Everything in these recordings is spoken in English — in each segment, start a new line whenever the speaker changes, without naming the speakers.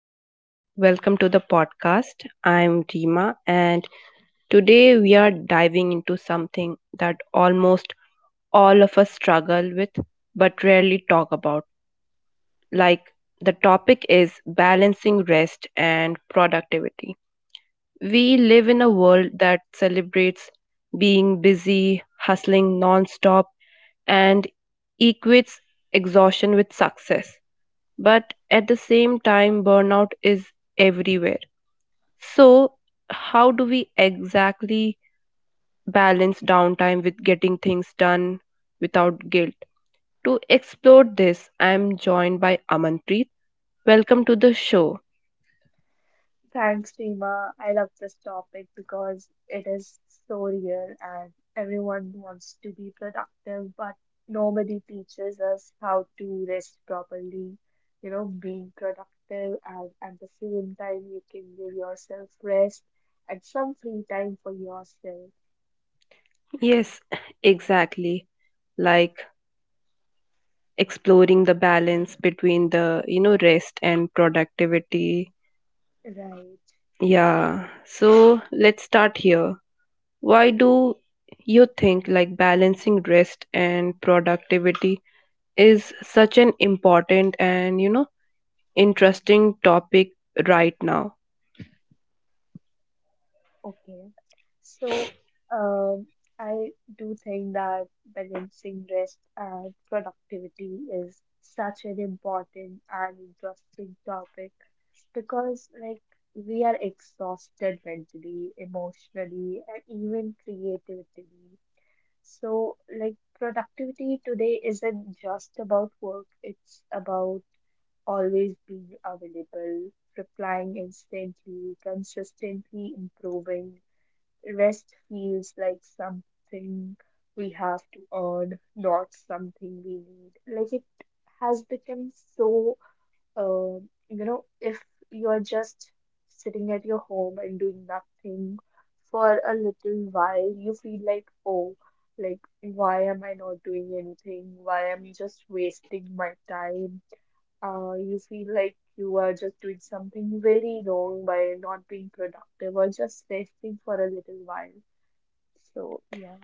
and welcome to the podcast. I'm Rima, and today we are diving into something that almost all of us struggle with but rarely talk about. Like, the topic is balancing rest and productivity. We live in a world that celebrates being busy, hustling nonstop, and equates exhaustion with success, but at the same time burnout is everywhere. So how do we exactly balance downtime with getting things done without guilt? To explore this, I am joined by Amanpreet. Welcome to the show.
Thanks, Seema. I love this topic because it is so real and everyone wants to be productive, but nobody teaches us how to rest properly. You know, being productive and at the same time, you can give yourself rest and some free time for yourself.
Yes, exactly. Like exploring the balance between the rest and productivity.
Right.
Yeah, so let's start here. Why do you think balancing rest and productivity is such an important and, interesting topic right now?
Okay. So, um, I do think that balancing rest and productivity is such an important and interesting topic because, like, we are exhausted mentally, emotionally, and even creatively. So, like, productivity today isn't just about work, it's about always being available, replying instantly, consistently improving. Rest feels like something we have to earn, not something we need. Like it has become so, uh, you know, if you're just sitting at your home and doing nothing for a little while, you feel like, oh, like why am I not doing anything? Why am I just wasting my time? You feel like you are just doing something very wrong by not being productive or just resting for a little while. So yeah,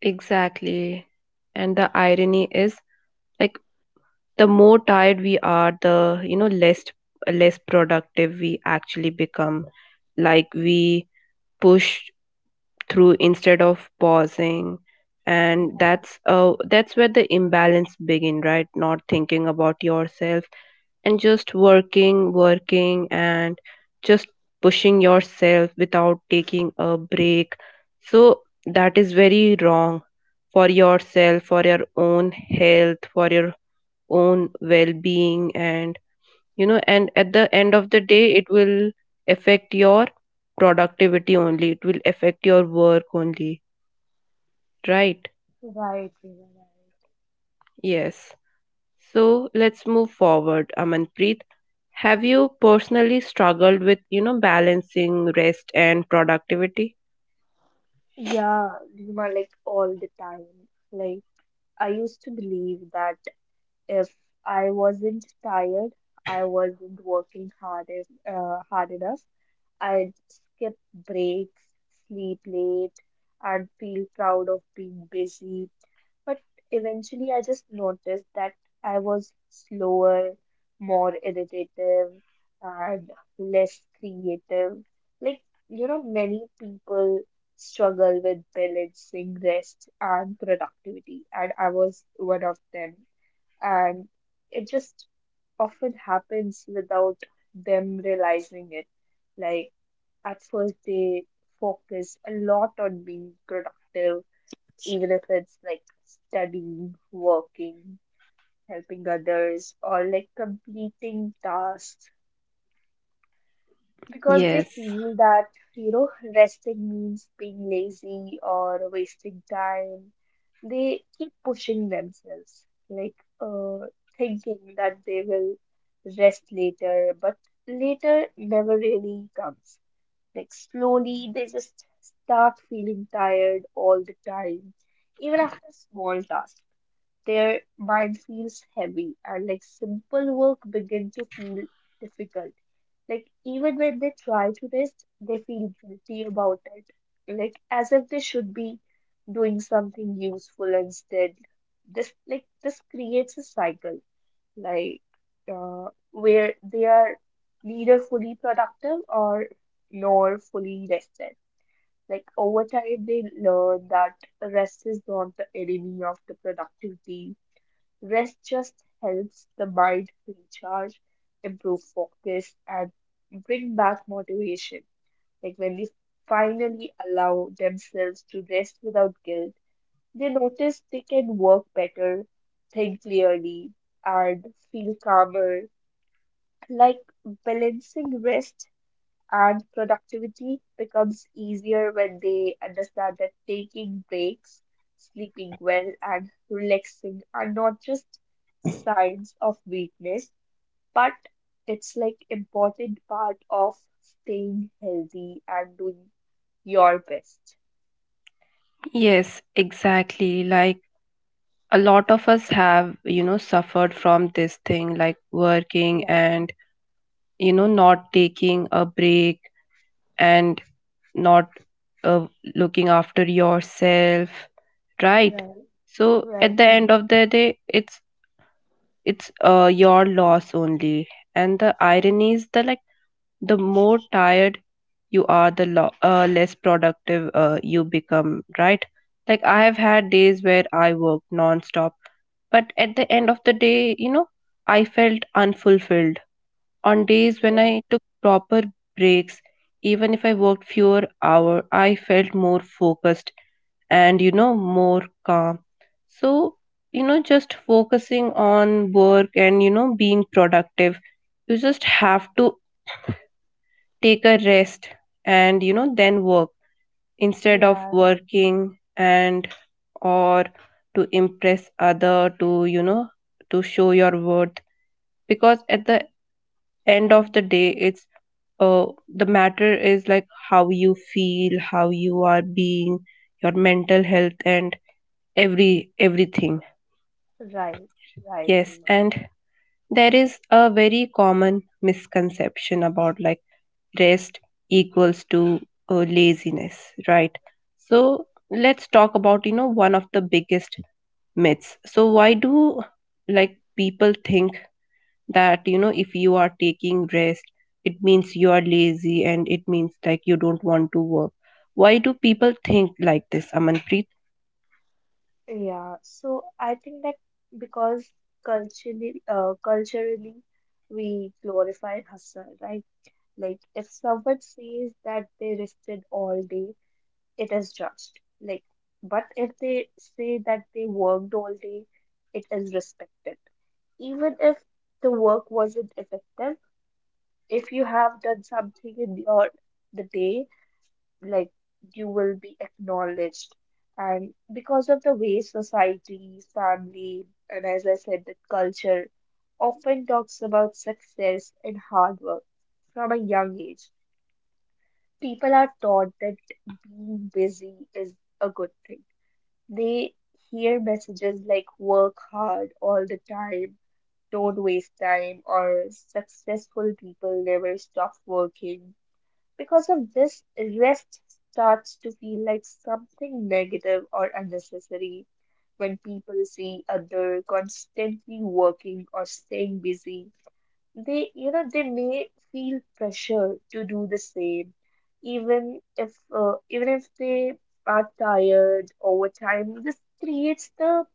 Exactly. And the irony is, like the more tired we are, the, less productive we actually become. Like we push through instead of pausing, and
right,
that's where the imbalance begin, right? Not thinking about yourself and just working, working, and just pushing yourself without taking a break. So that is very wrong for yourself, for your own health, for your own well being, and, and at the end of the day, it will affect your productivity only, it will affect your work only, right?
right, Reema, right.
Yes. So let's move forward, Amanpreet. Have you personally struggled with, you know, balancing rest and productivity?
Yeah, Reema, like all the time. Like I used to believe that if I wasn't tired, I wasn't working hard if, hard enough, I'd skip breaks, sleep late, and feel proud of being busy. But eventually, I just noticed that I was slower, more irritative, and less creative. Like, you know, many people struggle with balancing rest and productivity, and I was one of them. And it just often happens without them realizing it. Like, at first, they focus a lot on being productive even if it's like studying, working, helping others, or like completing tasks because they
Yes,
feel that, you know, resting means being lazy or wasting time. They keep pushing themselves, like thinking that they will rest later, but later never really comes. Like slowly, they just start feeling tired all the time, even after small tasks their mind feels heavy and like simple work begin to feel difficult. Like even when they try to rest, they feel guilty about it. Like as if they should be doing something useful instead. This creates a cycle like where they are neither fully productive or nor fully rested. Like over time, they learn that rest is not the enemy of the productivity. Rest just helps the mind recharge, improve focus, and bring back motivation. Like when they finally allow themselves to rest without guilt, they notice they can work better, think clearly, and feel calmer. Like balancing rest and productivity becomes easier when they understand that taking breaks, sleeping well, and relaxing are not just signs of weakness, but it's like important part of staying healthy and doing your best.
yes, exactly. Like a lot of us have, you know, suffered from this thing, like working
Right,
and, you know, not taking a break and not, uh, looking after yourself, right?
Right,
So
right,
at the
Rima.
end of the day, it's it's your loss only. And the irony is that, the more tired you are, the less productive you become, right? Like I have had days where I worked non-stop, but at the end of the day, you know, I felt unfulfilled. On days when
Yeah,
I took proper breaks, even if I worked fewer hours, I felt more focused and, you know, more calm. So, you know, just focusing on work and, you know, being productive, you just have to take a rest and, you know, then work instead of
yeah,
working and or to impress other, to you know, to show your worth. Because at the end of the day, it's uh, the matter is like how you feel, how you are being, your mental health, and everything.
right, right,
Yes,
Rima.
and there is a very common misconception about, rest equals to laziness, right? So let's talk about, you know, one of the biggest myths. So why do people think that, you know, if you are taking rest, it means you are lazy, and it means like you don't want to work? Why do people think like this, Amanpreet?
Yeah, so I think that because culturally, we glorify hustle, right? Like if someone says that they rested all day, it is judged. Like, but if they say that they worked all day, it is respected. Even if the work wasn't effective, if you have done something in your the day like you will be acknowledged. And because of the way society, family, and as I said, the culture often talks about success and hard work from a young age. People are taught that being busy is a good thing. They hear messages like work hard all the time, don't waste time, or successful people never stop working. Because of this, rest starts to feel like something negative or unnecessary when people see other constantly working or staying busy. They, you know, they may feel pressure to do the same, even if they are tired over time. This creates the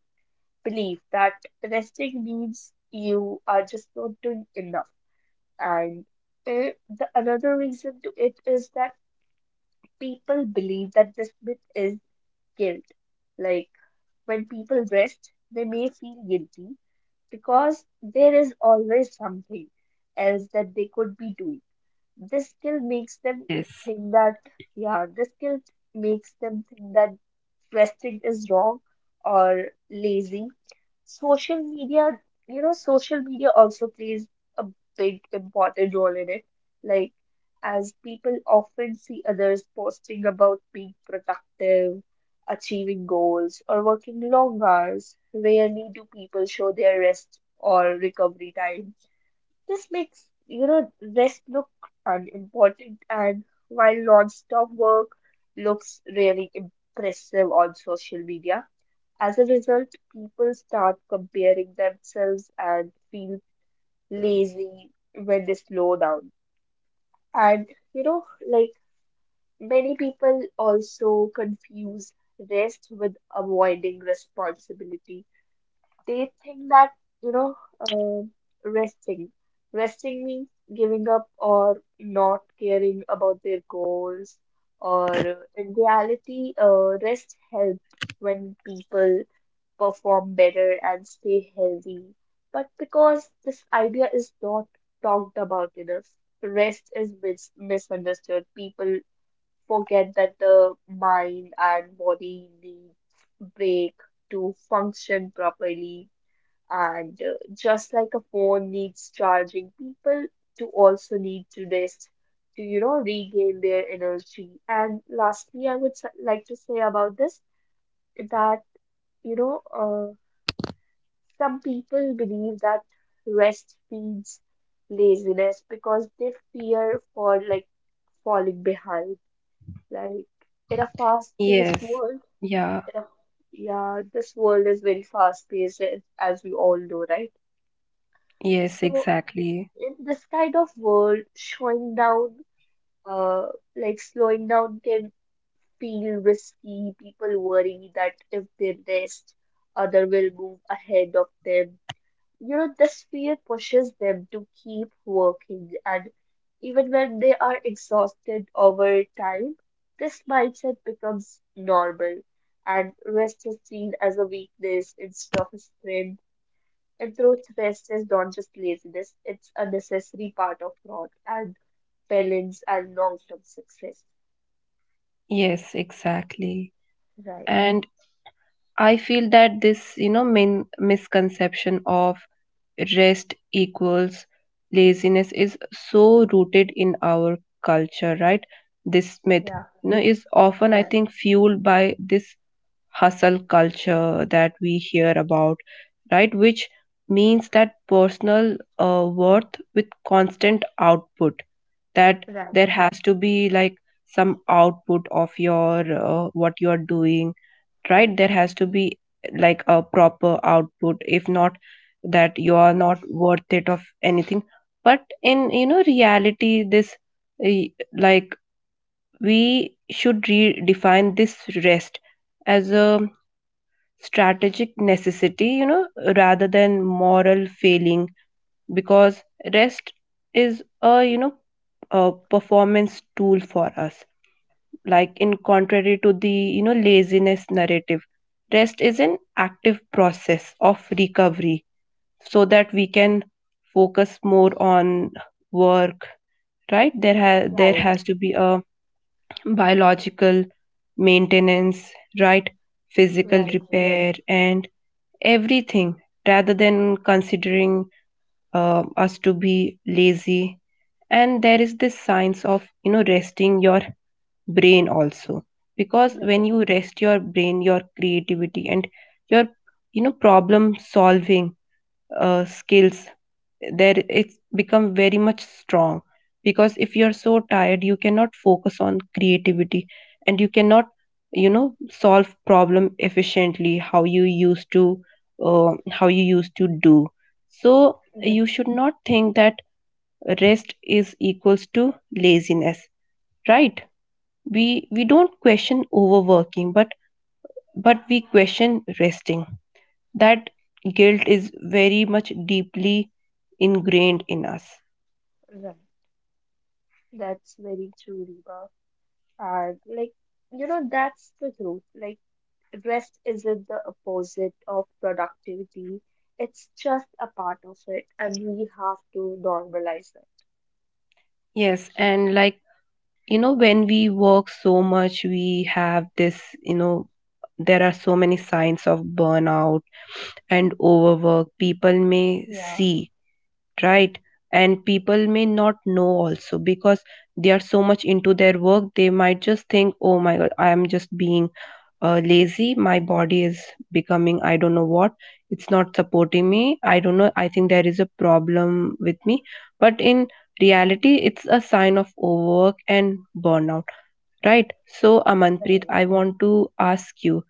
belief that resting means you are just not doing enough, and the another reason to it is that people believe that this myth is guilt. Like when people rest, they may feel guilty because there is always something else that they could be doing. This skill makes them
Yes.
think that, yeah, this skill makes them think that resting is wrong or lazy. Social media, you know, social media also plays a big important role in it. Like, as people often see others posting about being productive, achieving goals, or working long hours, rarely do people show their rest or recovery time. This makes, you know, rest look unimportant, and while non-stop work looks really impressive on social media. As a result, people start comparing themselves and feel lazy when they slow down. And, you know, like many people also confuse rest with avoiding responsibility. They think that, you know, um resting resting means giving up or not caring about their goals, or in reality rest helps when people perform better and stay healthy. But because this idea is not talked about enough, rest is misunderstood. People forget that the mind and body need break to function properly, and just like a phone needs charging, people do also need to rest to, you know, regain their energy. And lastly, I would like to say about this that, you know, some people believe that rest feeds laziness because they fear for like falling behind. Like in a fast-paced
Yes.
world,
Yeah.
in a, yeah, this world is very fast-paced as we all know, right?
Yes,
So
exactly.
in this kind of world, uh, slowing down can feel risky. People worry that if they rest, other will move ahead of them. You know, this fear pushes them to keep working, and even when they are exhausted over time, this mindset becomes normal, and rest is seen as a weakness instead of a strength, and through rest is not just laziness, it's a necessary part of growth and balance and long term success.
Yes, exactly.
Right.
And I feel that this, you know, misconception of rest equals laziness is so rooted in our culture, right? This myth,
Yeah.
you know, is often, I
Right.
think, fueled by this hustle culture that we hear about, right? Which means that personal, worth with constant output, that
Right.
there has to be some output of your, what you are doing, right? There has to be a proper output, if not, that you are not worth it of anything. But in, you know, reality, this, uh, like we should redefine this rest as a strategic necessity, you know, rather than moral failing. Because rest is a, you know, a performance tool for us. Like in contrary to the, you know, laziness narrative, rest is an active process of recovery so that we can focus more on work, right? There there
Right,
has to be a biological maintenance, right? Physical
right, Reba.
repair and everything, rather than considering us to be lazy. And there is this science of, you know, resting your brain also, because when
Right.
you rest your brain, your creativity and your, you know, problem solving skills, there it's become very much strong. Because if you're so tired, you cannot focus on creativity, and you cannot, you know, solve problem efficiently how you used to, uh, how you used to do. So
Right.
you should not think that rest is equals to laziness, right? We don't question overworking, but we question resting. That guilt is very much deeply ingrained in us.
Right. That's very true, Reba. And like, you know, that's the truth. Like, rest isn't the opposite of productivity. It's just a part of it, and we have to normalize it.
Yes, and like, you know, when we work so much, we have this, you know, there are so many signs of burnout and overwork people may
Yeah.
see, right? And people may not know also, because they are so much into their work, they might just think, oh my God, I am just being, lazy. My body is becoming, I don't know what, it's not supporting me, I don't know, I think there is a problem with me. But in reality, it's a sign of overwork and burnout, right? So, Amanpreet,
Right.
I want to ask you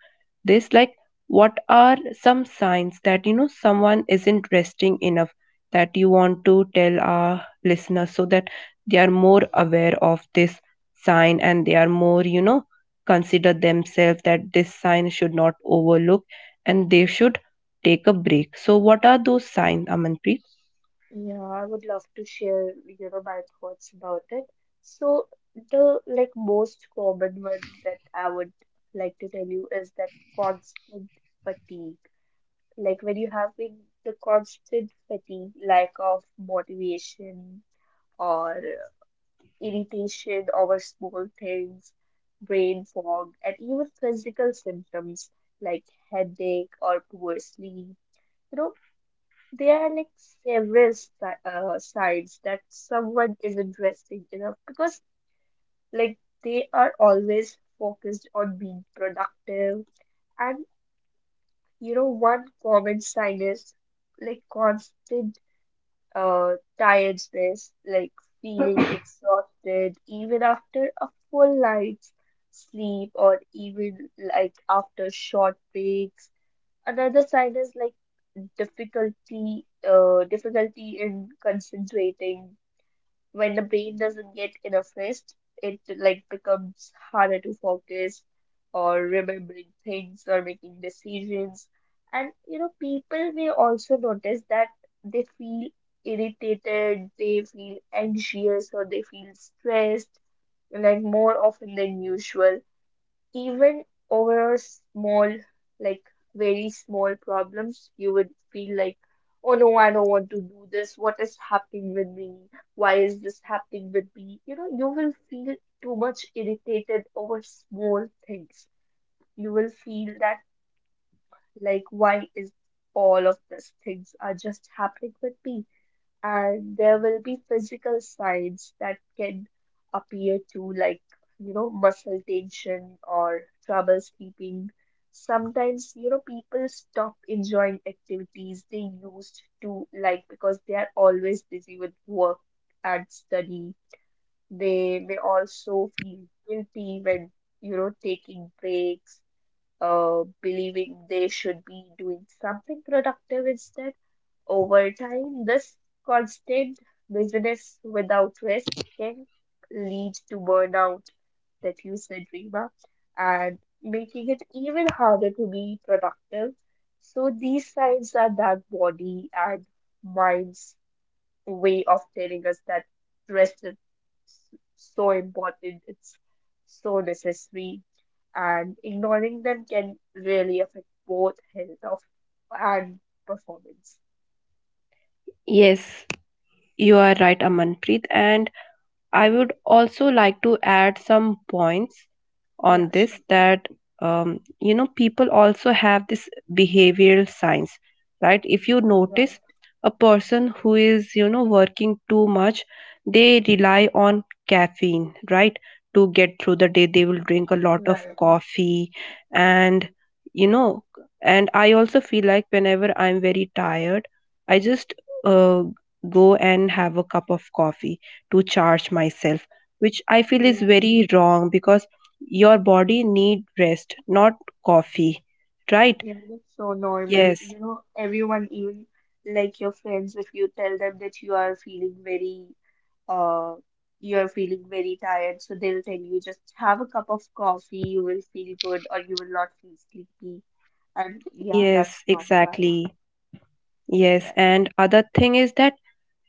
this, like, what are some signs that, you know, someone isn't resting enough, that you want to tell our listeners, so that they are more aware of this sign, and they are more, you know, consider themselves that this sign should not overlook, and they should take a break. So what are those signs, Amanpreet?
Yeah, I would love to share, you know, my thoughts about it. So the like most common one that I would like to tell you is that constant fatigue. Like when you having the constant fatigue, lack of motivation or irritation over small things, brain fog, and even physical symptoms like headache or poor sleep. You know, there are like several sides that someone is interested in because like they are always focused on being productive, and you know one common sign is like constant uh tiredness, like feeling exhausted even after a full night's sleep or even like after short breaks. Another sign is like difficulty in concentrating. When the brain doesn't get enough rest, it like becomes harder to focus or remembering things or making decisions. And you know people may also notice that they feel irritated, they feel anxious, or they feel stressed like more often than usual, even over small, like very small problems. You would feel like, oh no, I don't want to do this. What is happening with me? Why is this happening with me? You know, you will feel too much irritated over small things. You will feel that, like, why is all of these things are just happening with me? And there will be physical signs that can appear too, like you know muscle tension or trouble sleeping. Sometimes you know people stop enjoying activities they used to like because they are always busy with work and study. They may also feel guilty when you know taking breaks, believing they should be doing something productive instead. Over time, this constant busyness without rest can lead to burnout that you said, Rima, and making it even harder to be productive. So these signs are that body and mind's way of telling us that rest is so important, it's so necessary, and ignoring them can really affect both health of and performance.
Yes, you are right, Amanpreet. And I would also like to add some points on
Yeah,
this,
shit.
that, you know, people also have this behavioral science, right? If you notice
Right,
a person who is, you know, working too much, they rely on caffeine, right, to get through the day. They will drink a lot of
right.
coffee, and, you know, and I also feel like whenever I'm very tired, I just, uh, go and have a cup of coffee to charge myself, which I feel is
Yeah,
very wrong, because your body need rest, not coffee, right?
yeah, that's so normal.
Yes,
You know, everyone, even like your friends, if you tell them that you are feeling very, uh, you are feeling very tired, so they'll tell you just have a cup of coffee, you will feel good, or you will not feel sleepy. And yeah,
yes,
that's not right.
exactly. Yes,
Right.
and other thing is that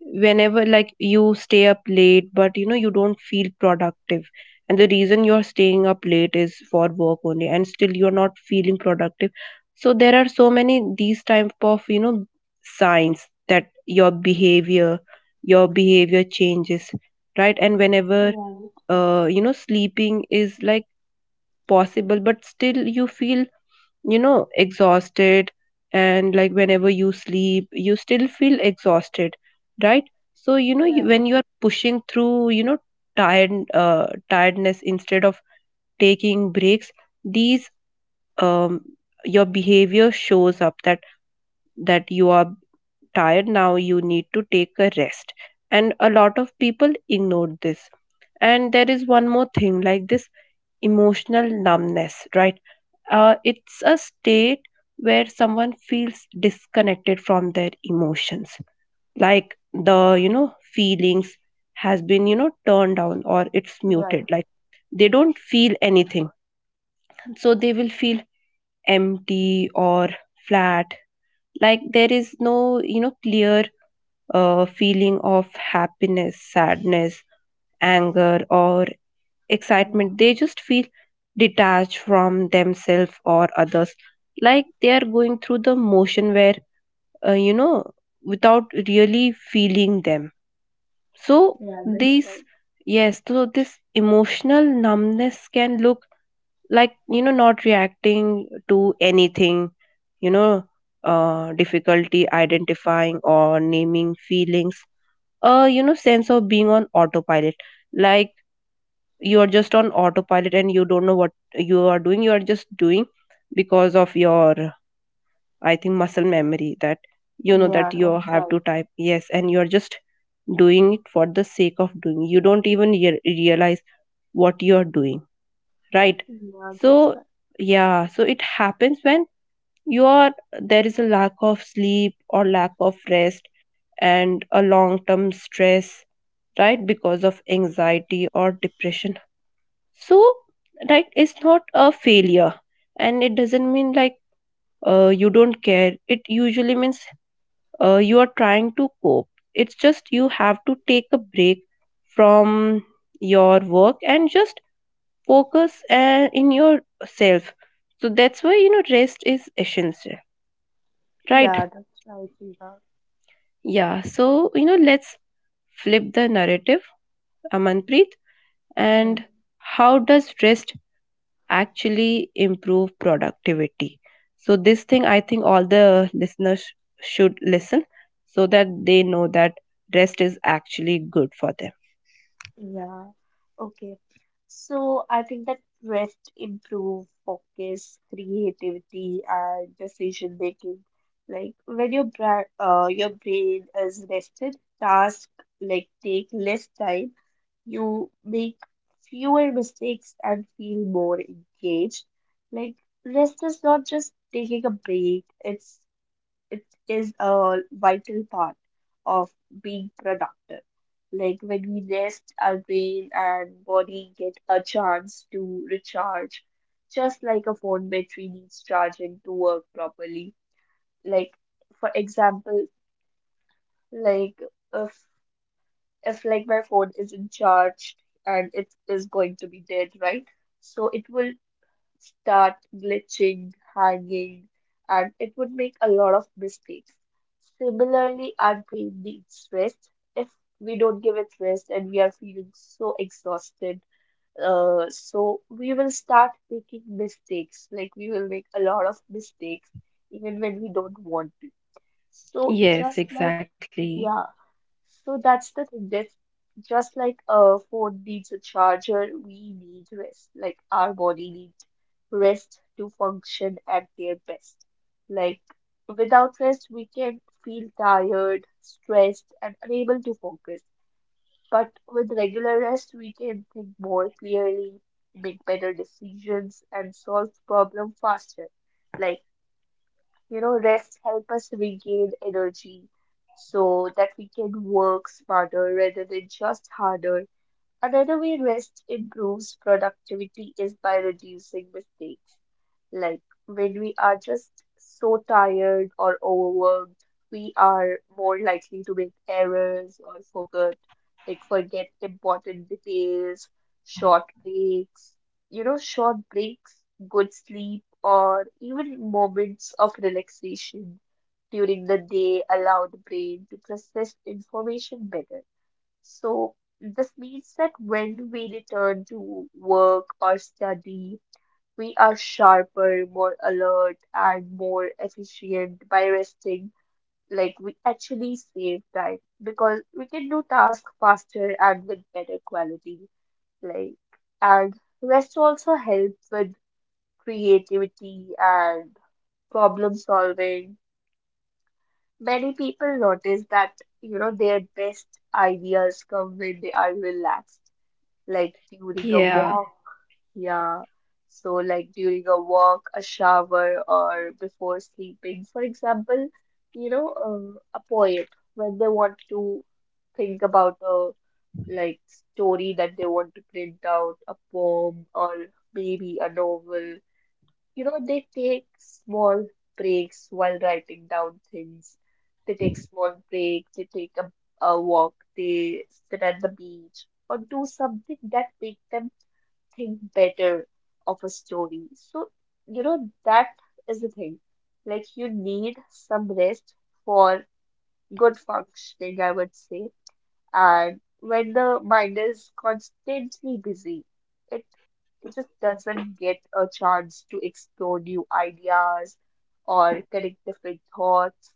whenever, you stay up late, but, you know, you don't feel productive. And the reason you're staying up late is for work only, and still you're not feeling productive. So there are so many these type of, you know, signs that your behavior changes, right? And whenever,
Right,
you know, sleeping is like possible but still you feel, you know, exhausted. And like whenever you sleep, you still feel exhausted, right? So, you know,
right,
when you are pushing through, you know, tired, tiredness instead of taking breaks, these um your behavior shows up that you are tired, now you need to take a rest. And a lot of people ignored this. And there is one more thing like this, emotional numbness, right? It's a state where someone feels disconnected from their emotions, like the, you know, feelings has been, you know, turned down or it's muted.
right.
Like they don't feel anything, so they will feel empty or flat. Like there is no, you know, clear, feeling of happiness, sadness, anger, or
Yeah,
excitement. They just feel detached from themselves or others, like they are going through the motion where, you know, without really feeling them. So,
yeah, that's
these,
right.
yes, so this emotional numbness can look like, you know, not reacting to anything, you know, difficulty identifying or naming feelings, a, you know, sense of being on autopilot. Like, you are just on autopilot and you don't know what you are doing, you are just doing because of your, I think, muscle memory, that, you know, that
Yeah,
you
that's
have
right.
to type yes, and you are just doing it for the sake of doing, you don't even realize what you are doing, right?
Yeah,
So
that's right.
yeah, so it happens when you are, there is a lack of sleep or lack of rest, and a long term stress, right? Because of anxiety or depression. So, right, it's not a failure, and it doesn't mean like, you don't care, it usually means, you are trying to cope. It's just you have to take a break from your work and just focus, in yourself. So that's why, you know, rest is essential,
Yeah,
right?
that's right, Rina.
Yeah, so, you know, let's flip the narrative, Amanpreet,
Yeah.
and how does rest actually improve productivity? So this thing, I think all the listeners should listen, so that they know that rest is actually good for them.
Yeah. Okay. So I think that rest improve focus, creativity, and decision making. Like when your bra your brain is rested, task like take less time. You make fewer mistakes and feel more engaged. Like rest is not just taking a break. It is a vital part of being productive. Like when we rest, our brain and body get a chance to recharge, just like a phone battery needs charging to work properly. Like for example, like if if like my phone isn't charged and it is going to be dead, right? So it will start glitching, hanging, and it would make a lot of mistakes. Similarly, our brain needs rest. If we don't give it rest and we are feeling so exhausted, so we will start making mistakes. Like we will make a lot of mistakes even when we don't want to. So
Yes,
just like
exactly.
Yeah, so that's the thing. That's just like a phone needs a charger, we need rest. Like our body needs rest to function at their best. Like without rest, we can feel tired, stressed, and unable to focus. But with regular rest, we can think more clearly, make better decisions, and solve problem faster. Like, rest help us regain energy so that we can work smarter rather than just harder. Another way rest improves productivity is by reducing mistakes. Like when we are just so tired or overworked, we are more likely to make errors or forget, like forget important details, short breaks, short breaks, good sleep, or even moments of relaxation during the day allow the brain to process information better. So this means that when we return to work or study, we are sharper, more alert, and more efficient by resting. Like we actually save time because we can do tasks faster and with better quality. Like, and rest also helps with creativity and problem solving. Many people notice that, you know, their best ideas come when they are relaxed, like during a
Yeah.
walk. Yeah. So, like during a walk, a shower, or before sleeping. For example, a poet, when they want to think about a, like, story that they want to print out, a poem, or maybe a novel, they take small breaks while writing down things. They take small breaks, they take a walk, they sit at the beach or do something that make them think better of a story. So, you know, that is the thing. Like, you need some rest for good functioning, I would say. And when the mind is constantly busy, it just doesn't get a chance to explore new ideas or connect different thoughts.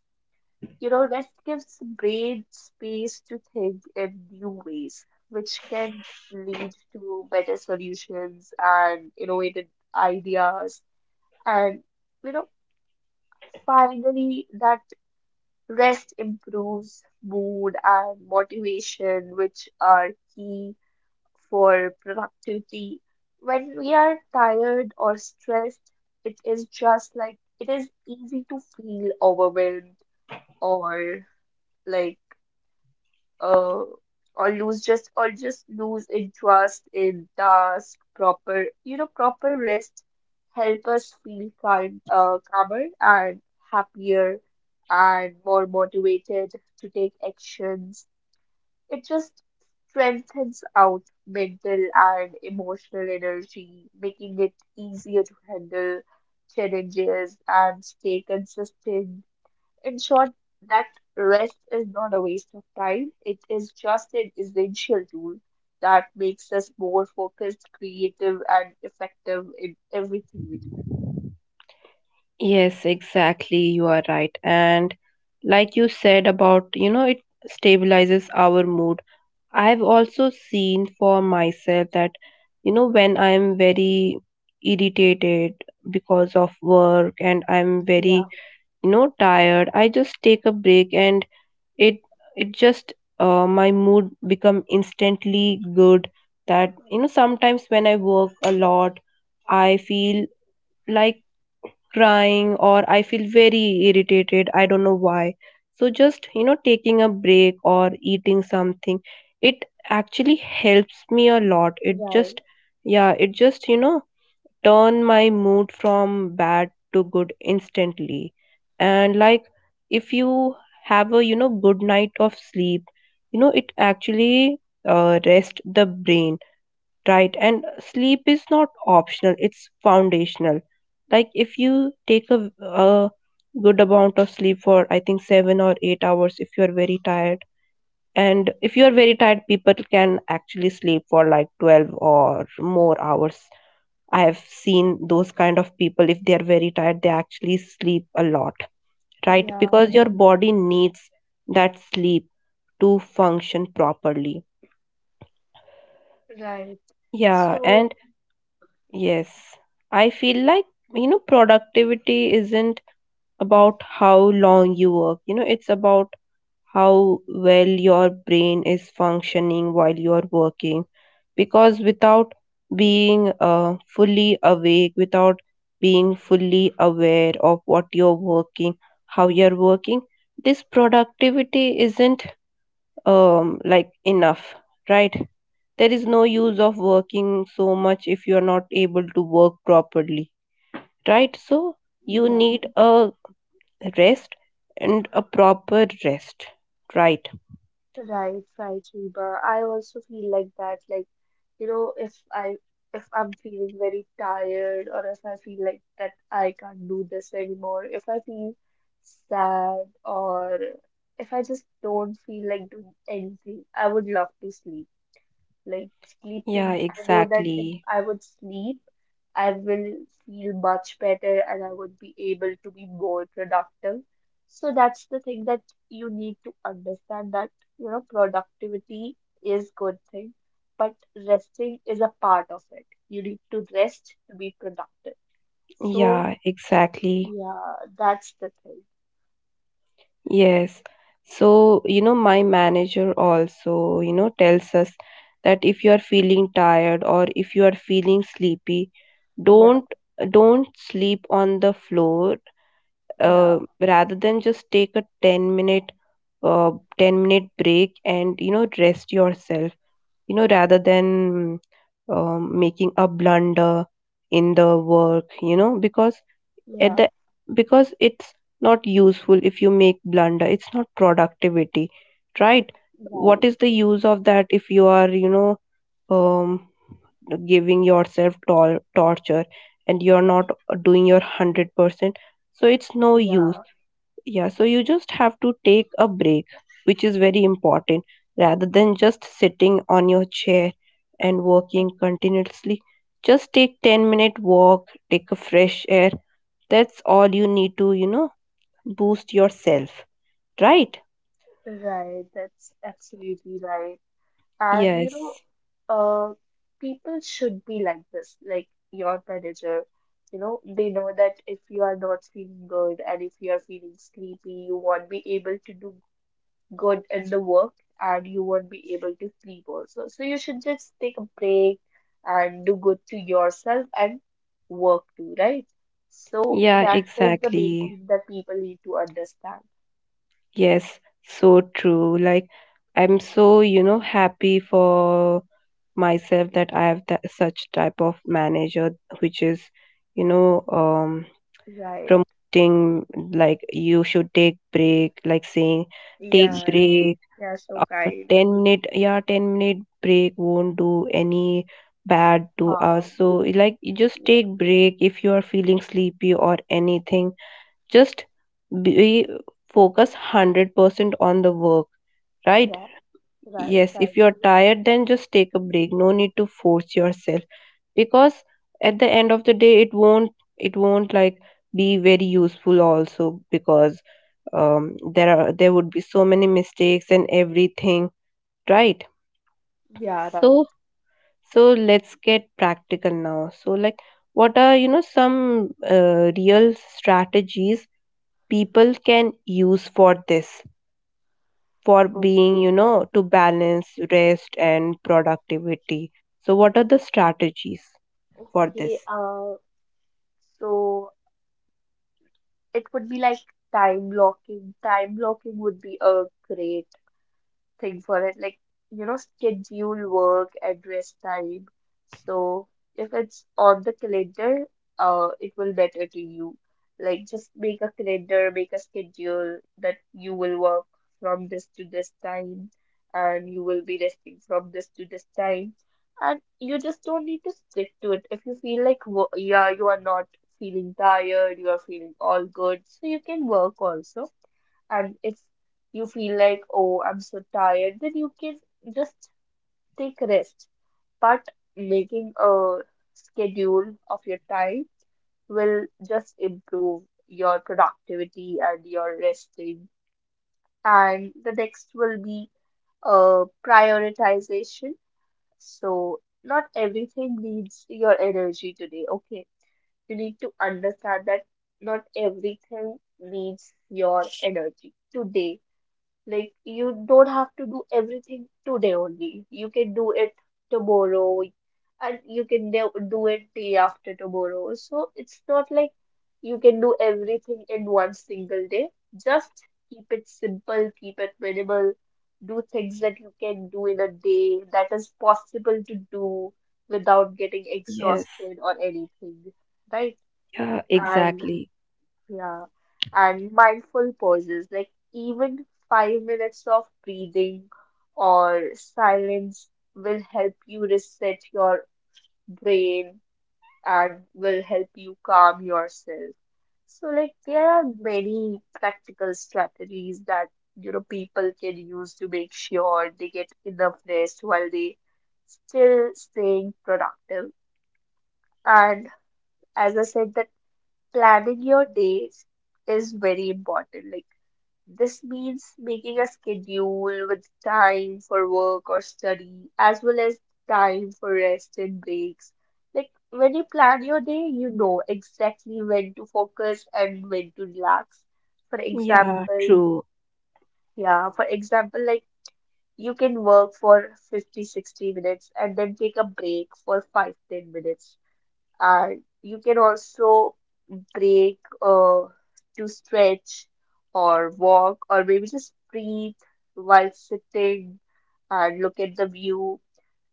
You know, that gives the brain space to think in new ways, which can lead to better solutions and innovative ideas. And, you know, finally, that rest improves mood and motivation, which are key for productivity. When we are tired or stressed, it is just like it is easy to feel overwhelmed, or like uh or lose just or just lose interest in task proper. Proper rest help us feel kind calmer and happier and more motivated to take actions. It just strengthens out mental and emotional energy, making it easier to handle challenges and stay consistent. In short, that rest is not a waste of time, it is just an essential tool that makes us more focused, creative, and effective in everything we do.
Yes, exactly. You are right. And like you said about, you know, it stabilizes our mood. I've also seen for myself that, you know, when I'm very irritated because of work and I'm
Yeah,
very no tired, I just take a break, and it it just, my mood become instantly good. That, you know, sometimes when I work a lot, I feel like crying, or I feel very irritated, I don't know why. So just, you know, taking a break or eating something, it actually helps me a lot, it
right.
just, yeah, it just, you know, turn my mood from bad to good instantly. And like if you have a good night of sleep, you know it actually rest the brain, right? And sleep is not optional; it's foundational. Like if you take a good amount of sleep for I think 7 or 8 hours if you are very tired. And if you are very tired, people can actually sleep for like 12 or more hours. I have seen those kind of people, if they are very tired, they actually sleep a lot, right? Because your
Yeah,
body needs that sleep to function properly.
right. Right.
Yeah,
So,
and
yeah.
yes, I feel like, productivity isn't about how long you work, it's about how well your brain is functioning while you're working, because without being fully awake, without being fully aware of what you're working, how you're working, this productivity isn't like enough, right? There is no use of working so much if you're not able to work properly, right? So you
Yeah.
need a rest and a proper rest, right?
Right, right, Reba. I also feel like that. Like, you know, if I'm feeling very tired or if I feel like that I can't do this anymore, if I feel sad or if I just don't feel like doing anything, I would love to sleep. Like
Yeah,
sleeping, I know that if
exactly.
I would sleep, I will feel much better and I would be able to be more productive. So that's the thing that you need to understand, that, you know, productivity is good thing, but resting is a part of it. You need to rest to be productive. So
Yeah, exactly.
yeah, that's the thing.
Yes. So, you know, my manager also, you know, tells us that if you are feeling tired or if you are feeling sleepy,
Yeah,
don't don't sleep on the floor.
yeah,
Rather than, just take a 10 minute uh, 10-minute break and you know rest yourself, you know, rather than making a blunder in the work, you know, because at
yeah,
the because it's not useful, if you make blunder it's not productivity, right? What
right.
is the use of that if you are, you know, um giving yourself torture and you're not doing your 100%? So it's no use.
Yeah,
Yeah, so you just have to take a break, which is very important, rather than just sitting on your chair and
that's
working continuously. Just take 10-minute walk, take a fresh air. That's all you need to, you know, boost yourself, right?
right. That's absolutely right. And, you know,
Yes.
uh, people should be like this, like your manager. You know, they know that if you are not feeling good and if you are feeling sleepy, you won't be able to do good in the work and you won't be able to sleep also. So you should just take a break and do good to yourself and work too, right? So
Yeah,
that is the main
exactly.
thing that people need to understand.
Yes, so true. Like I'm so, you know, happy for myself that I have that, such type of manager which is, you know,
Right.
promoting like you should take break, like saying
Yeah,
take
right.
break.
They are so
A
kind.
10 minute, yeah, 10-minute break won't do any bad to
Um,
us. So like you just take break if you are feeling sleepy or anything, just be focus 100% on the work, right?
right. Right,
Yes,
right.
if you are tired then just take a break, no need to force yourself, because at the end of the day it won't, it won't like be very useful also, because there would be so many mistakes and everything, right?
Yeah,
So,
right.
so let's get practical now. So like what are, you know, some real strategies people can use for this, for
O-
being, you know, to balance rest and productivity? So what are the strategies for
Okay.
this?
So it would be like time blocking. Time blocking would be a great thing for it, like, you know, schedule work and rest time. So if it's on the calendar, it will matter to you. Like, just make a calendar, make a schedule that you will work from this to this time, and you will be resting from this to this time. And you just don't need to stick to it. If you feel like, yeah, you are not feeling tired, you are feeling all good, so you can work also, and if you feel like, oh, I'm so tired, then you can just take rest. But making a schedule of your time will just improve your productivity and your resting. And the next will be prioritization. So, not everything needs your energy today, okay? You need to understand that not everything needs your energy today. Like you don't have to do everything today only. You can do it tomorrow and you can do it day after tomorrow. So it's not like you can do everything in one single day. Just keep it simple, keep it minimal. Do things that you can do in a day that is possible to do without getting
Yes.
exhausted or anything, right?
Yeah,
And.
exactly.
Yeah, and mindful pauses, like even 5 minutes of breathing or silence will help you reset your brain and will help you calm yourself. So, like, there are many practical strategies that, you know, people can use to make sure they get enough rest while they still staying productive. And as I said, that planning your days is very important. Like, this means making a schedule with time for work or study, as well as time for rest and breaks. Like when you plan your day, you know exactly when to focus and when to relax. For
Yeah,
example,
true.
yeah, like you can work for 50, 60 minutes and then take a break for 5, 10 minutes. And you can also break to stretch or walk or maybe just breathe while sitting and look at the view.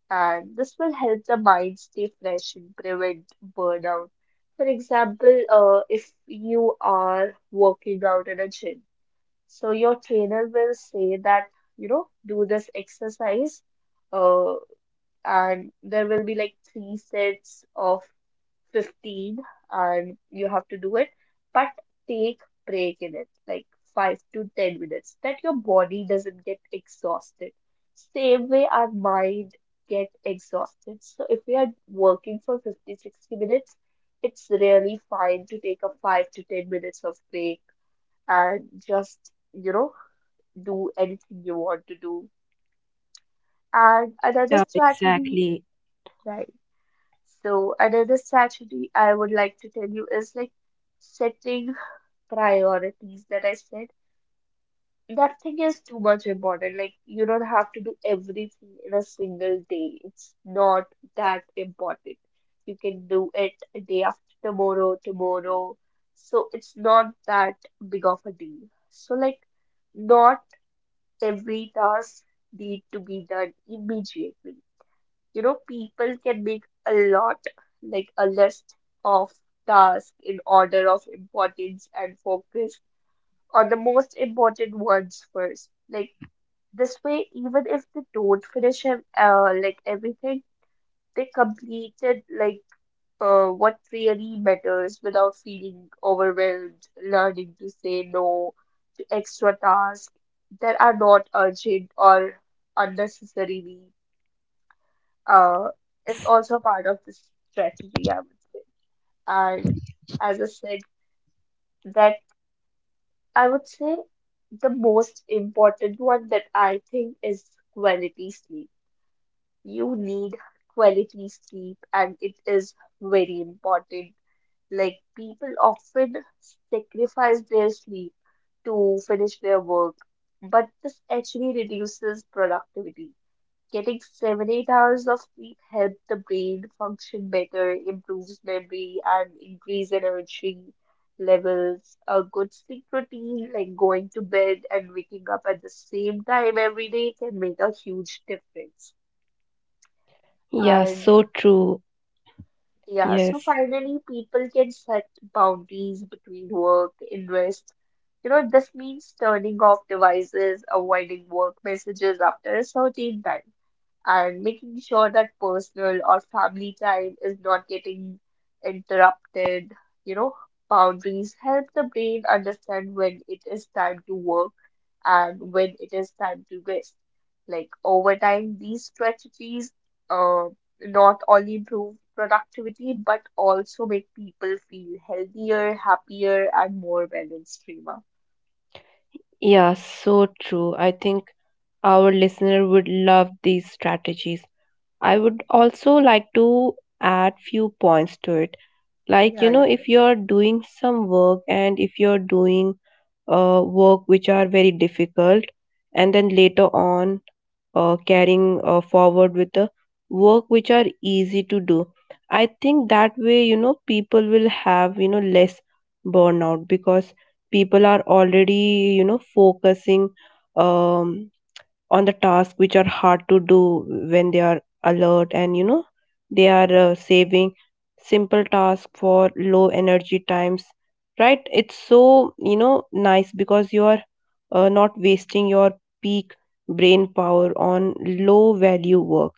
And this will help the mind stay fresh and prevent burnout. For example, if you are working out in a gym, so your trainer will say that, you know, do this exercise, uh, and there will be like three sets of 15 and you have to do it. But take break in it like 5 to 10 minutes that your body doesn't get exhausted. Same way our mind get exhausted. So if we are working for 50, 60 minutes, it's really fine to take a 5 to 10 minutes of break, and just, you know, do anything you want to do. And another
Yeah,
strategy,
exactly.
right? So another strategy I would like to tell you is like setting priorities, that I said. Nothing is too much important. Like you don't have to do everything in a single day. It's not that important. You can do it a day after tomorrow, tomorrow. So it's not that big of a deal. So like not every task need to be done immediately. People can make a lot, like a list of tasks in order of importance, and focus on the most important ones first. Like this way, even if they don't finish like everything, they completed, like, what really matters without feeling overwhelmed. Learning to say no to extra tasks that are not urgent or unnecessarily uh, is
S-
also part of this strategy, I would say. And as I said, that I would say the most important one that I think is quality sleep. You need quality sleep, and it is very important. Like, people often sacrifice their sleep to finish their work, but this actually reduces productivity. Getting 7, 8 hours of sleep helps the brain function better, improves memory, and increase energy levels. A good sleep routine, like going to bed and waking up at the same time every day, can make a huge difference.
Yeah,
And
so true.
yeah, so
Yes.
finally, people can set boundaries between work, invest. You know, this means turning off devices, avoiding work messages after a certain time, and making sure that personal or family time is not getting interrupted. You know, boundaries help the brain understand when it is time to work and when it is time to rest. Like over time, these strategies uh, not only improve productivity but also make people feel healthier, happier, and more balanced, Rima.
Yeah, so true. I think our listener would love these strategies. I would also like to add few points to it. Like, you
Yeah,
know,
yeah.
if you're doing some work and if you're doing work which are very difficult, and then later on carrying forward with the work which are easy to do. I think that way, you know, people will have, you know, less burnout, because people are already, you know, focusing um on the task which are hard to do when they are alert, and you know they are saving simple task for low energy times, right? It's so, you know, nice, because you are not wasting your peak brain power on low value work.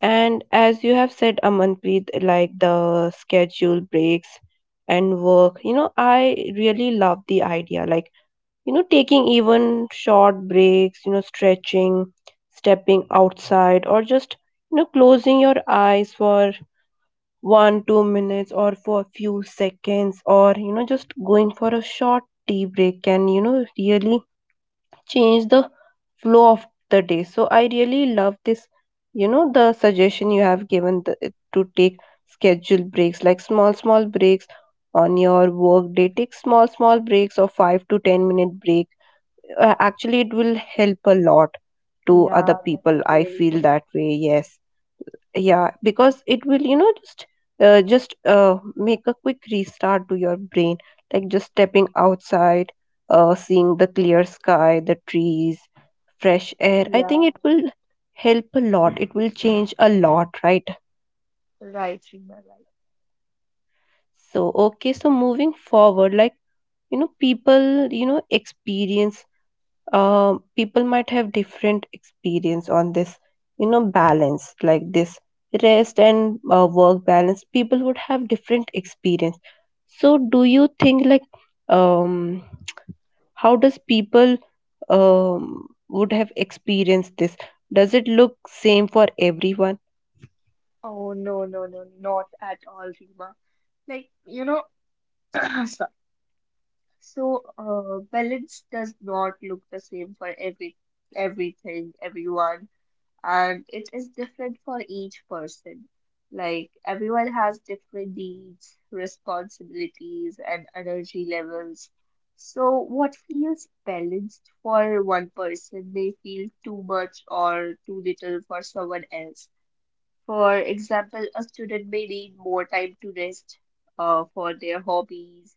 And as you have said, Amanpreet, like the schedule breaks and work, you know, I really love the idea, like, you know, taking even short breaks, you know, stretching, stepping outside, or just, you know, closing your eyes for 1 2 minutes or for a few seconds, or, you know, just going for a short tea break can, you know, really change the flow of the day. So I really love this, you know, the suggestion you have given, the, to take scheduled breaks, like small small breaks on your work day, take small small breaks of 5 to 10 minute breaks. Actually, it will help a lot to other
Yeah, that
people,
will
I
really
feel
help.
that way. Yes, yeah, because it will, you know, just make a quick restart to your brain. Like just stepping outside, seeing the clear sky, the trees, fresh air, I
Yeah,
think it will help a lot, it will change a lot, right?
right, Rima, right.
So okay, so moving forward, like, you know, people, you know, experience, people might have different experience on this, you know, balance like this, rest and work balance, people would have different experience. So do you think like, um how does people would have experienced this? Does it look same for everyone?
Oh no, no, no, not at all, Rima. Like, you know, so, so, balance does not look the same for everything, everyone, and it is different for each person. Like everyone has different needs, responsibilities, and energy levels. So what feels balanced for one person may feel too much or too little for someone else. For example, a student may need more time to rest for their hobbies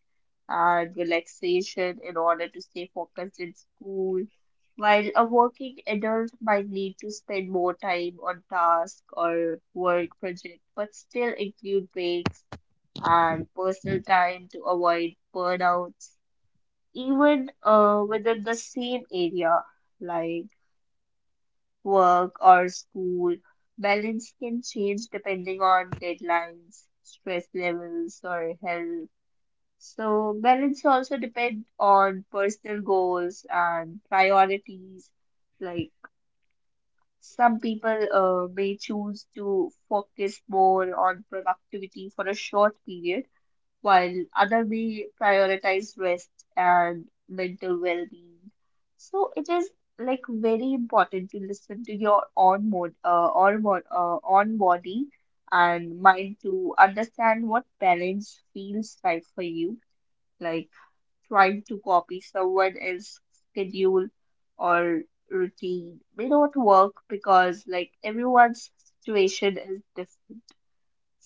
and relaxation in order to stay focused in school, while a working adult might need to spend more time on task or work project, but still include breaks and personal time to avoid burnouts, even within the same area, like work, or school. Balance can change depending on deadlines, stress levels, or health. So, balance also depends on personal goals and priorities. Like, some people may choose to focus more on productivity for a short period while other may prioritize rest and mental well-being. So it is like very important to listen to your own mood, or own body and mind to understand what balance feels right for you. Like trying to copy someone else's schedule or routine may not work because like everyone's situation is different,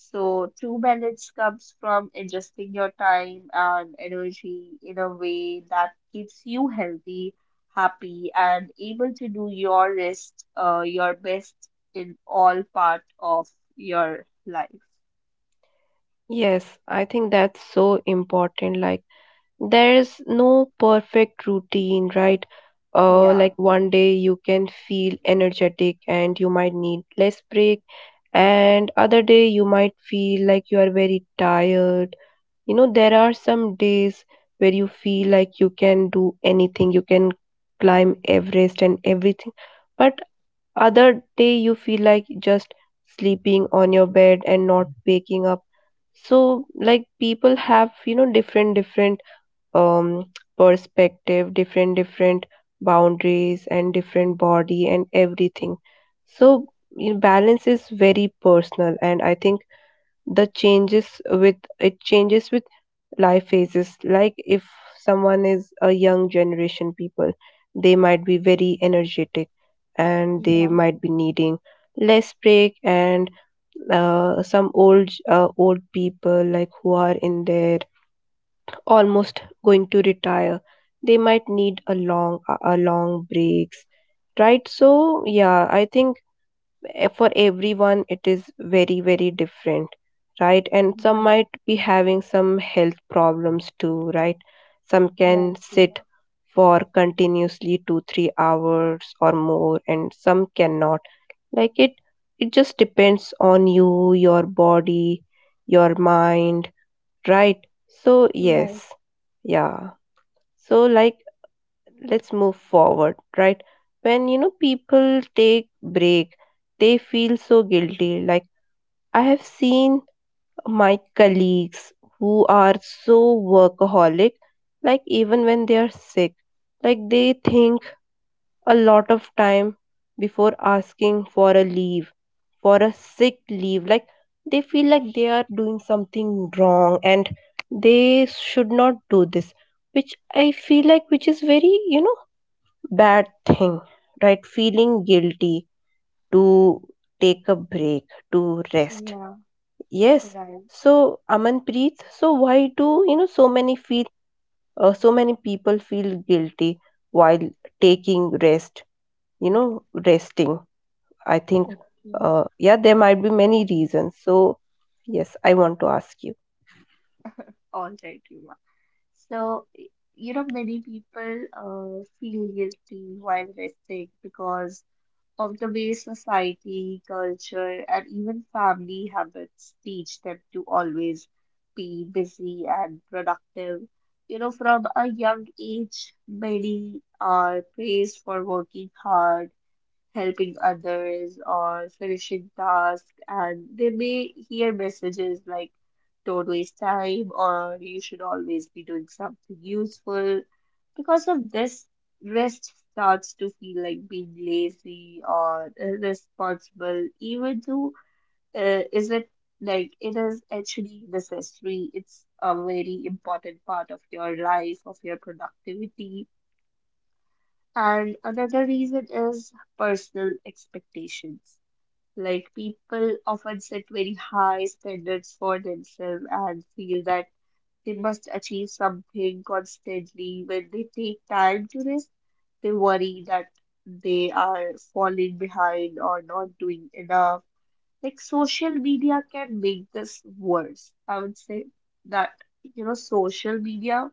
so true balance comes from adjusting your time and energy in a way that keeps you healthy, happy, and able to do your your best in all part of your life.
Yes, I think that's so important. Like, there is no perfect routine, right?
Yeah,
Like one day you can feel energetic and you might need less break, and other day you might feel like you are very tired. You know, there are some days where you feel like you can do anything, you can climb Everest and everything, but other day you feel like just sleeping on your bed and not waking up. So like people have, you know, different different um, perspective, different different boundaries and different body and everything. So, you know, balance is very personal, and I think the changes with it changes with life phases. Like, if someone is a young generation people, they might be very energetic, and they
yeah,
might be needing less break, and some old people like who are in their almost going to retire, they might need a long breaks, right? So, yeah, I think, for everyone it is very very different, right? And some
right,
might be having some health problems too, right? Some can
right,
sit
Seema.
for continuously 2 3 hours or more and some cannot. Like it just depends on you, your body, your mind, right? So yes,
Right,
yeah. So like, let's move forward, right? When, you know, people take break, they feel so guilty. Like, I have seen my colleagues who are so workaholic, like even when they are sick, like they think a lot of time before asking for a leave, for a sick leave. Like they feel like they are doing something wrong and they should not do this, which I feel like which is very, you know, bad thing, right? Feeling guilty to take a break, to rest.
yeah,
Yes.
right,
So Amanpreet, so why do you know so many feel so many people feel guilty while taking rest, you know, resting? I think,
okay.
yeah, there might be many reasons. So, yes, I want to ask you.
All right, Yuma. So, you know, many people feel guilty while resting because of the way society, culture, and even family habits teach them to always be busy and productive. You know, from a young age, many are praised for working hard, helping others, or finishing tasks, and they may hear messages like don't waste time or you should always be doing something useful. Because of this, rest starts to feel like being lazy or irresponsible, even though isn't like it is actually necessary. It's a very important part of your life, of your productivity. And another reason is personal expectations. Like people often set very high standards for themselves and feel that they must achieve something constantly. When they take time to rest, they worry that they are falling behind or not doing enough. Like social media can make this worse. I would say that, you know, social media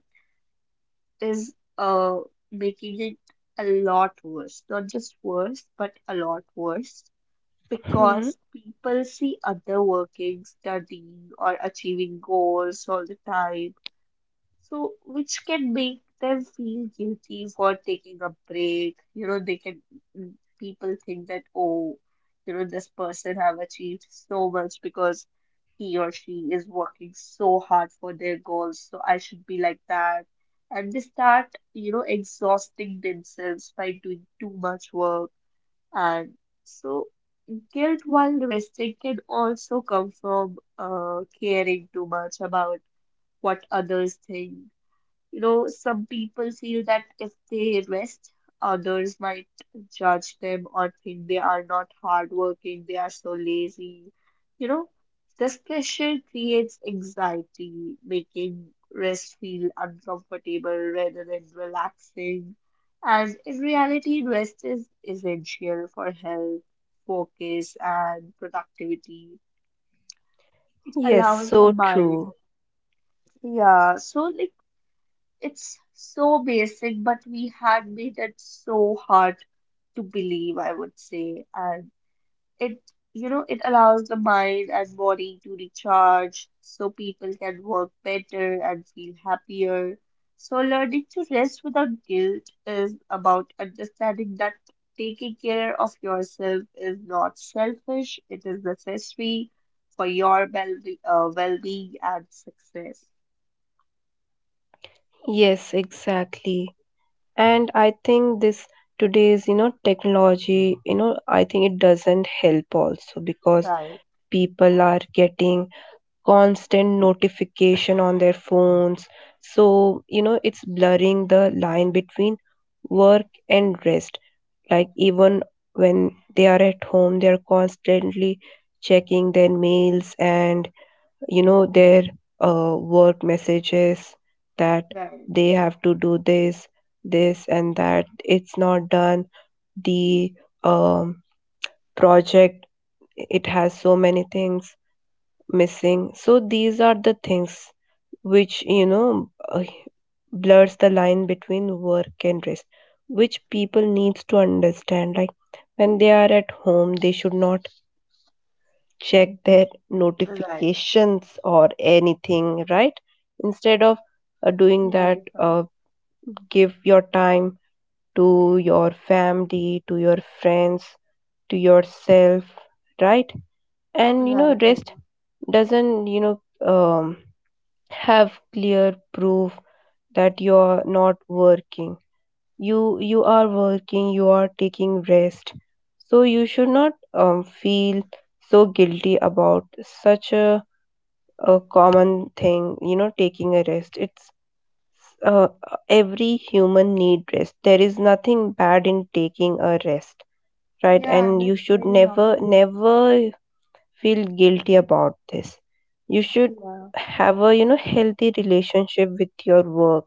is making it a lot worse. Not just worse, but a lot worse
Hmm.
because people see other working, studying, or achieving goals all the time so, which can make them feel guilty for taking a break. You know, they can, mm, people think that, oh, you know, this person have achieved so much because he or she is working so hard for their goals. So I should be like that. And they start, you know, exhausting themselves by doing too much work. And so guilt while resting can also come from caring too much about what others think. You know, some people feel that if they rest, others might judge them or think they are not hardworking, they are so lazy. You know, this pressure creates anxiety, making rest feel uncomfortable rather than relaxing. And in reality, rest is essential for health, focus, and productivity. It
Yes,
allows the
so
mind.
true.
Yeah, so like it's so basic, but we had made it so hard to believe, I would say. And it, you know, it allows the mind and body to recharge so people can work better and feel happier. So, learning to rest without guilt is about understanding that taking care of yourself is not selfish, it is necessary for your well-being and success.
Yes, exactly. And I think this today's, you know, technology, you know, I think it doesn't help also, because
Right,
people are getting constant notification on their phones. So, you know, it's blurring the line between work and rest. Like even when they are at home, they are constantly checking their mails and, you know, their work messages, that
right,
they have to do this, this and that, it's not done, the um, project, it has so many things missing. So these are the things which, you know, blurs the line between work and rest, which people needs to understand, like when they are at home they should not check their
right.
notifications or anything, right? Instead of doing that
Right, right,
give your time to your family, to your friends, to yourself, right? And you
right,
know rest
Prima.
doesn't, you know, um, have clear proof that you're not working, you are working, you are taking rest. So you should not feel so guilty about such a common thing. You know, taking a rest, it's uh, every human need rest, there is nothing bad in taking a rest, right?
Yeah,
And you
that's
should
very
never
normal.
never feel guilty about this. You should
Yeah,
have a, you know, healthy relationship with your work,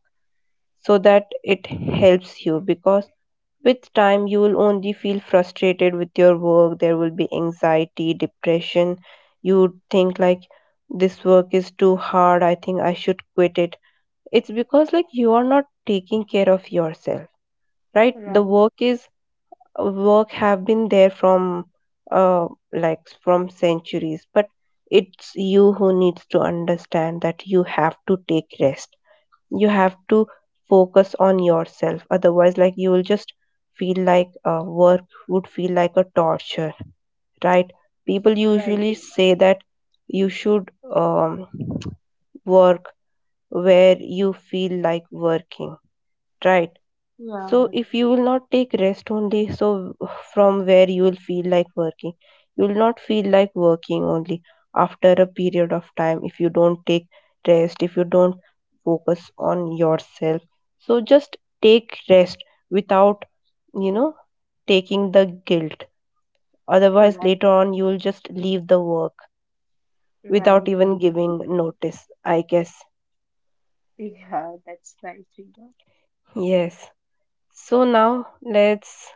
so that it helps you, because with time you will only feel frustrated with your work, there will be anxiety, depression, you would think like this work is too hard, I think I should quit it. It's because like you are not taking care of yourself, right? The
right,
work is, work have been there from uh, like from centuries, but it's you who needs to understand that you have to take rest, you have to focus on yourself, otherwise like you will just feel like, work would feel like a torture, right? People
right,
usually
Prima.
say that you should um, work where you feel like working, right? So
Yeah,
if you will not take rest only, so from where you will feel like working, you will not feel like working only after a period of time, if you don't take rest, if you don't focus on yourself. So just take rest without, you know, taking the guilt.
right,
Otherwise,
right,
later on, you will just leave the work without
right. That's
even giving
absolutely.
notice, I guess.
Yeah, that's right, Prima.
Yes. So now let's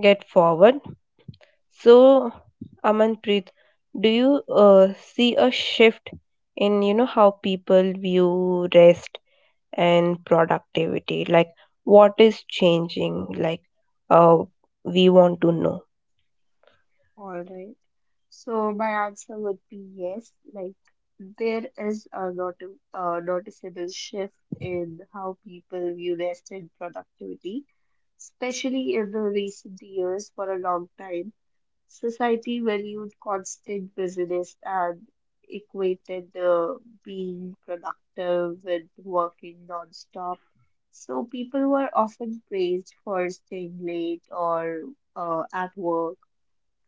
get forward. So, Amanpreet, do you see a shift in, you know, how people view rest and productivity? Like, what is changing? Uh, we want to know.
All right. So my answer would be yes. Like there is a not a noticeable shift in how people view rest and productivity, especially in the recent years. For a long time, society valued constant business and equated the being productive with working nonstop. So people were often praised for staying late or at work,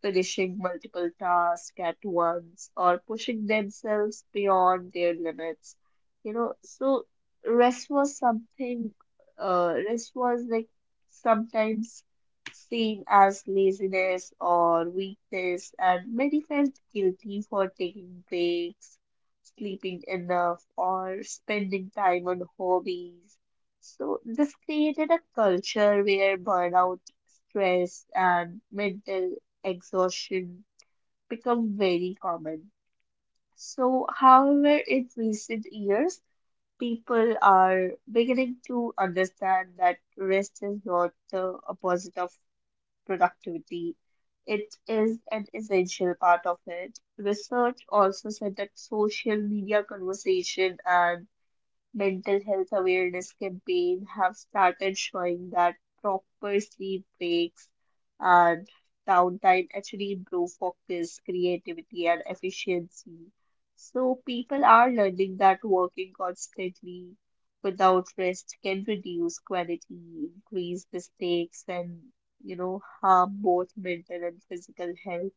finishing multiple tasks at once or pushing themselves beyond their limits. You know, so rest was something, rest was like sometimes seen as laziness or weakness, and many felt guilty for taking breaks, sleeping enough, or spending time on hobbies. So this created a culture where burnout, stress, and mental exhaustion become very common. So, however, in recent years, people are beginning to understand that rest is not the opposite of productivity. It is an essential part of it. Research also said that social media conversation and mental health awareness campaign have started showing that proper sleep breaks and downtime actually improve focus, creativity, and efficiency. So people are learning that working constantly without rest can reduce quality, increase mistakes, and you know harm both mental and physical health.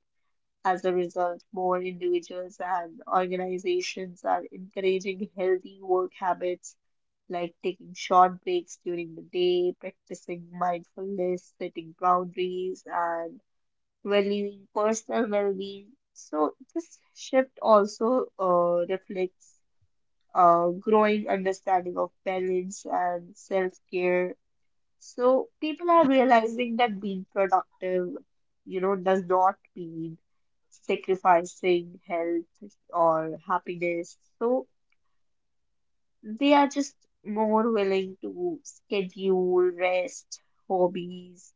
As a result, more individuals and organizations are encouraging healthy work habits like taking short breaks during the day, practicing mindfulness, setting boundaries, and valuing personal well-being. So this shift also reflects a growing understanding of balance and self-care. So people are realizing that being productive, you know, does not mean sacrificing health or happiness. So they are just more willing to schedule rest, hobbies,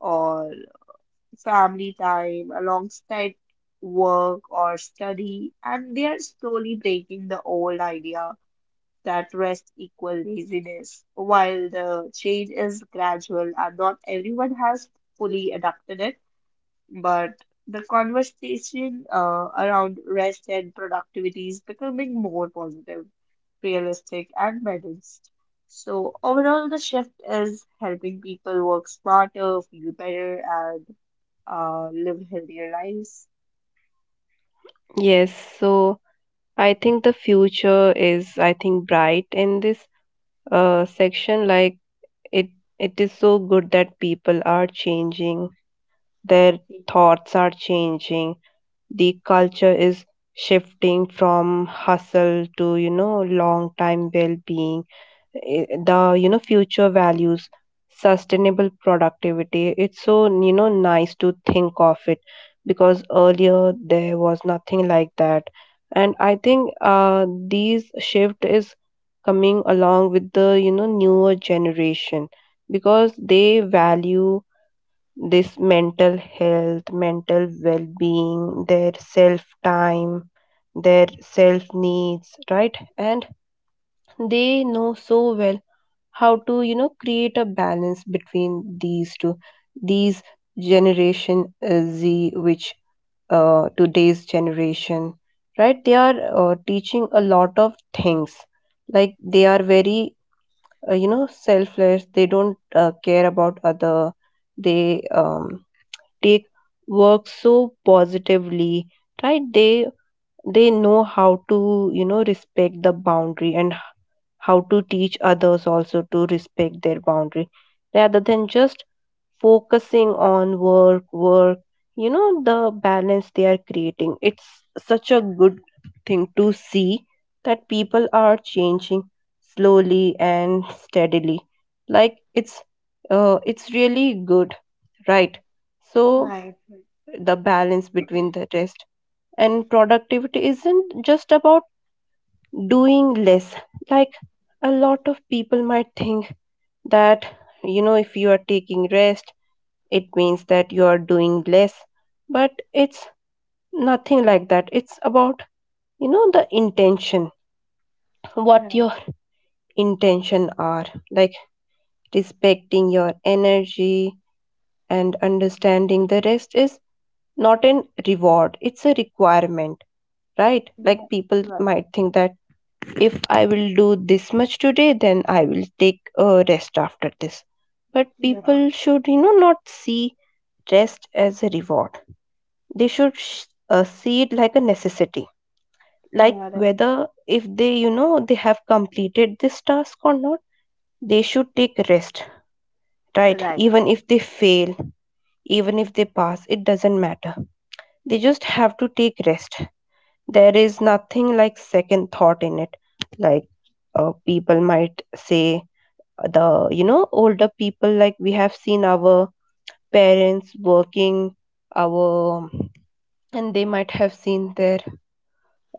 or family time alongside work or study, and they are slowly breaking the old idea that rest equal laziness. While the change is gradual and not everyone has fully adapted it, but the conversation around rest and productivity is becoming more positive, realistic, and balanced. So, overall, the shift is helping people work smarter, feel better, and live healthier lives.
Yes, so I think the future is, I think, bright in this section. Like, it it is so good that people are changing, their
Yeah,
thoughts are changing, the culture is shifting from hustle to, you know, long time well being. The, you know, future values sustainable productivity. It's so, you know, nice to think of it, because earlier there was nothing like that. And I think these shift is coming along with the, you know, newer generation, because they value this mental health, mental well being, their self time, their self needs, right? And they know so well how to, you know, create a balance between these two. These generation Z, which today's generation, right? They are teaching a lot of things. Like they are very, you know, selfless. They don't care about other. They take work so positively, right? They know how to, you know, respect the boundary, and how to teach others also to respect their boundary, rather than just focusing on work work, you know. The balance they are creating, it's such a good thing to see, that people are changing slowly and steadily. Like it's really good, right? So
right,
the balance between the rest and productivity isn't just about doing less, like a lot of people might think that, you know, if you are taking rest, it means that you are doing less. But it's nothing like that. It's about, you know, the intention, what
right,
your intention are, like respecting your energy and understanding the rest is not an reward, it's a requirement, right? Like
right,
people
right,
might think that if I will do this much today, then I will take a rest after this. But
yeah,
people should, you know, not see rest as a reward. They should see it like a necessity. Like
yeah, yeah,
whether if they, you know, they have completed this task or not, they should take rest, right?
right,
Even
right,
if they fail, even if they pass, it doesn't matter, they just have to take rest. There is nothing like second thought in it. Like, people might say, the, you know, older people, like we have seen our parents working, our, and they might have seen their,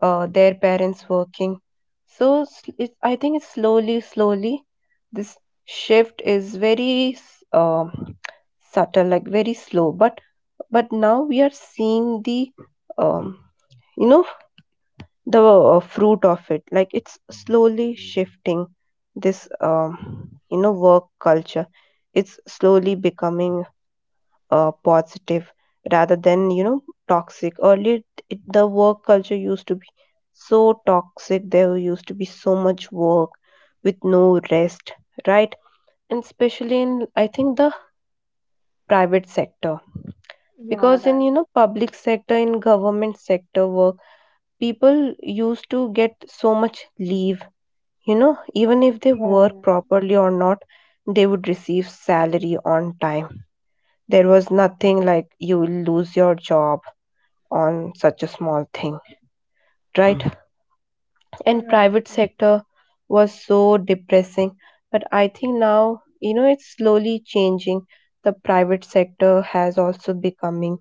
their parents working. So it, I think it's slowly slowly, this shift is very subtle, like very slow. But now we are seeing the um, you know, the fruit of it. Like it's slowly shifting, this you know, work culture. It's slowly becoming positive, rather than, you know, toxic. Earlier it, the work culture used to be so toxic, there used to be so much work with no rest, right? And especially in, I think, the private sector,
yeah,
because in,
right,
you know, public sector, in government sector work, people used to get so much leave, you know, even if they work
yeah,
properly or not, they would receive salary on time. There was nothing like you will lose your job on such a small thing, right?
yeah,
And
right,
private sector was so depressing. But I think now, you know, it's slowly changing. The private sector has also becoming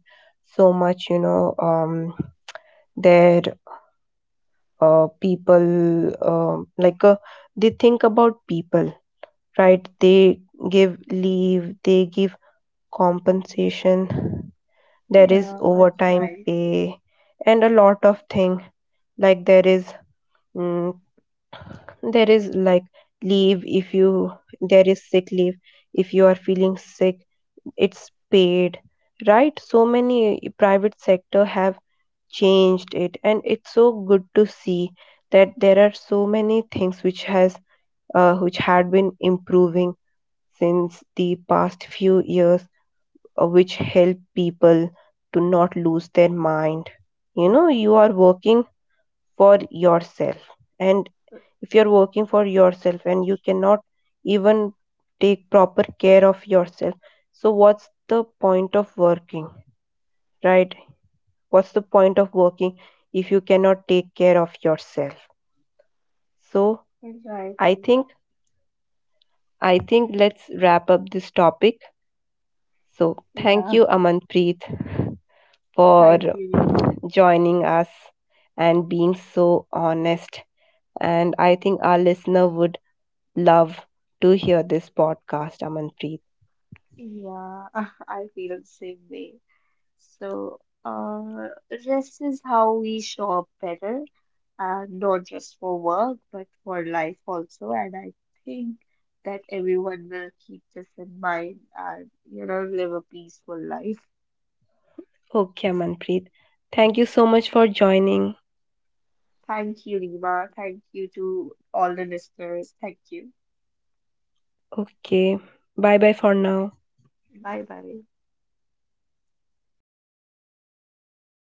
so much, you know, their people, um like uh, they think about people, right? They give leave, they give compensation, there is
yeah, that's
overtime
right,
pay and a lot of thing. Like there is, mm, there is like leave if you, there is sick leave, if you are feeling sick, it's paid, right? So many private sector have changed it, and it's so good to see that there are so many things which has which had been improving since the past few years, which help people to not lose their mind. You know, you are working for yourself, and if you're working for yourself and you cannot even take proper care of yourself, so what's the point of working, right? What's the point of working if you cannot take care of yourself? So
right,
i
Rima,
think I think let's wrap up this topic. So thank
yeah.
you, Amanpreet, for
Thank you, Rima.
joining us and being so honest. And I think our listener would love to hear this podcast, Amanpreet.
Yeah, I feel the same way. So, rest is how we show up better, and not just for work, but for life also. And I think that everyone will keep this in mind and, you know, live a peaceful life.
Okay, Amanpreet. Thank you so much for joining.
Thank you, Rima. Thank you to all the listeners. Thank you.
Okay. Bye bye for now.
Bye bye.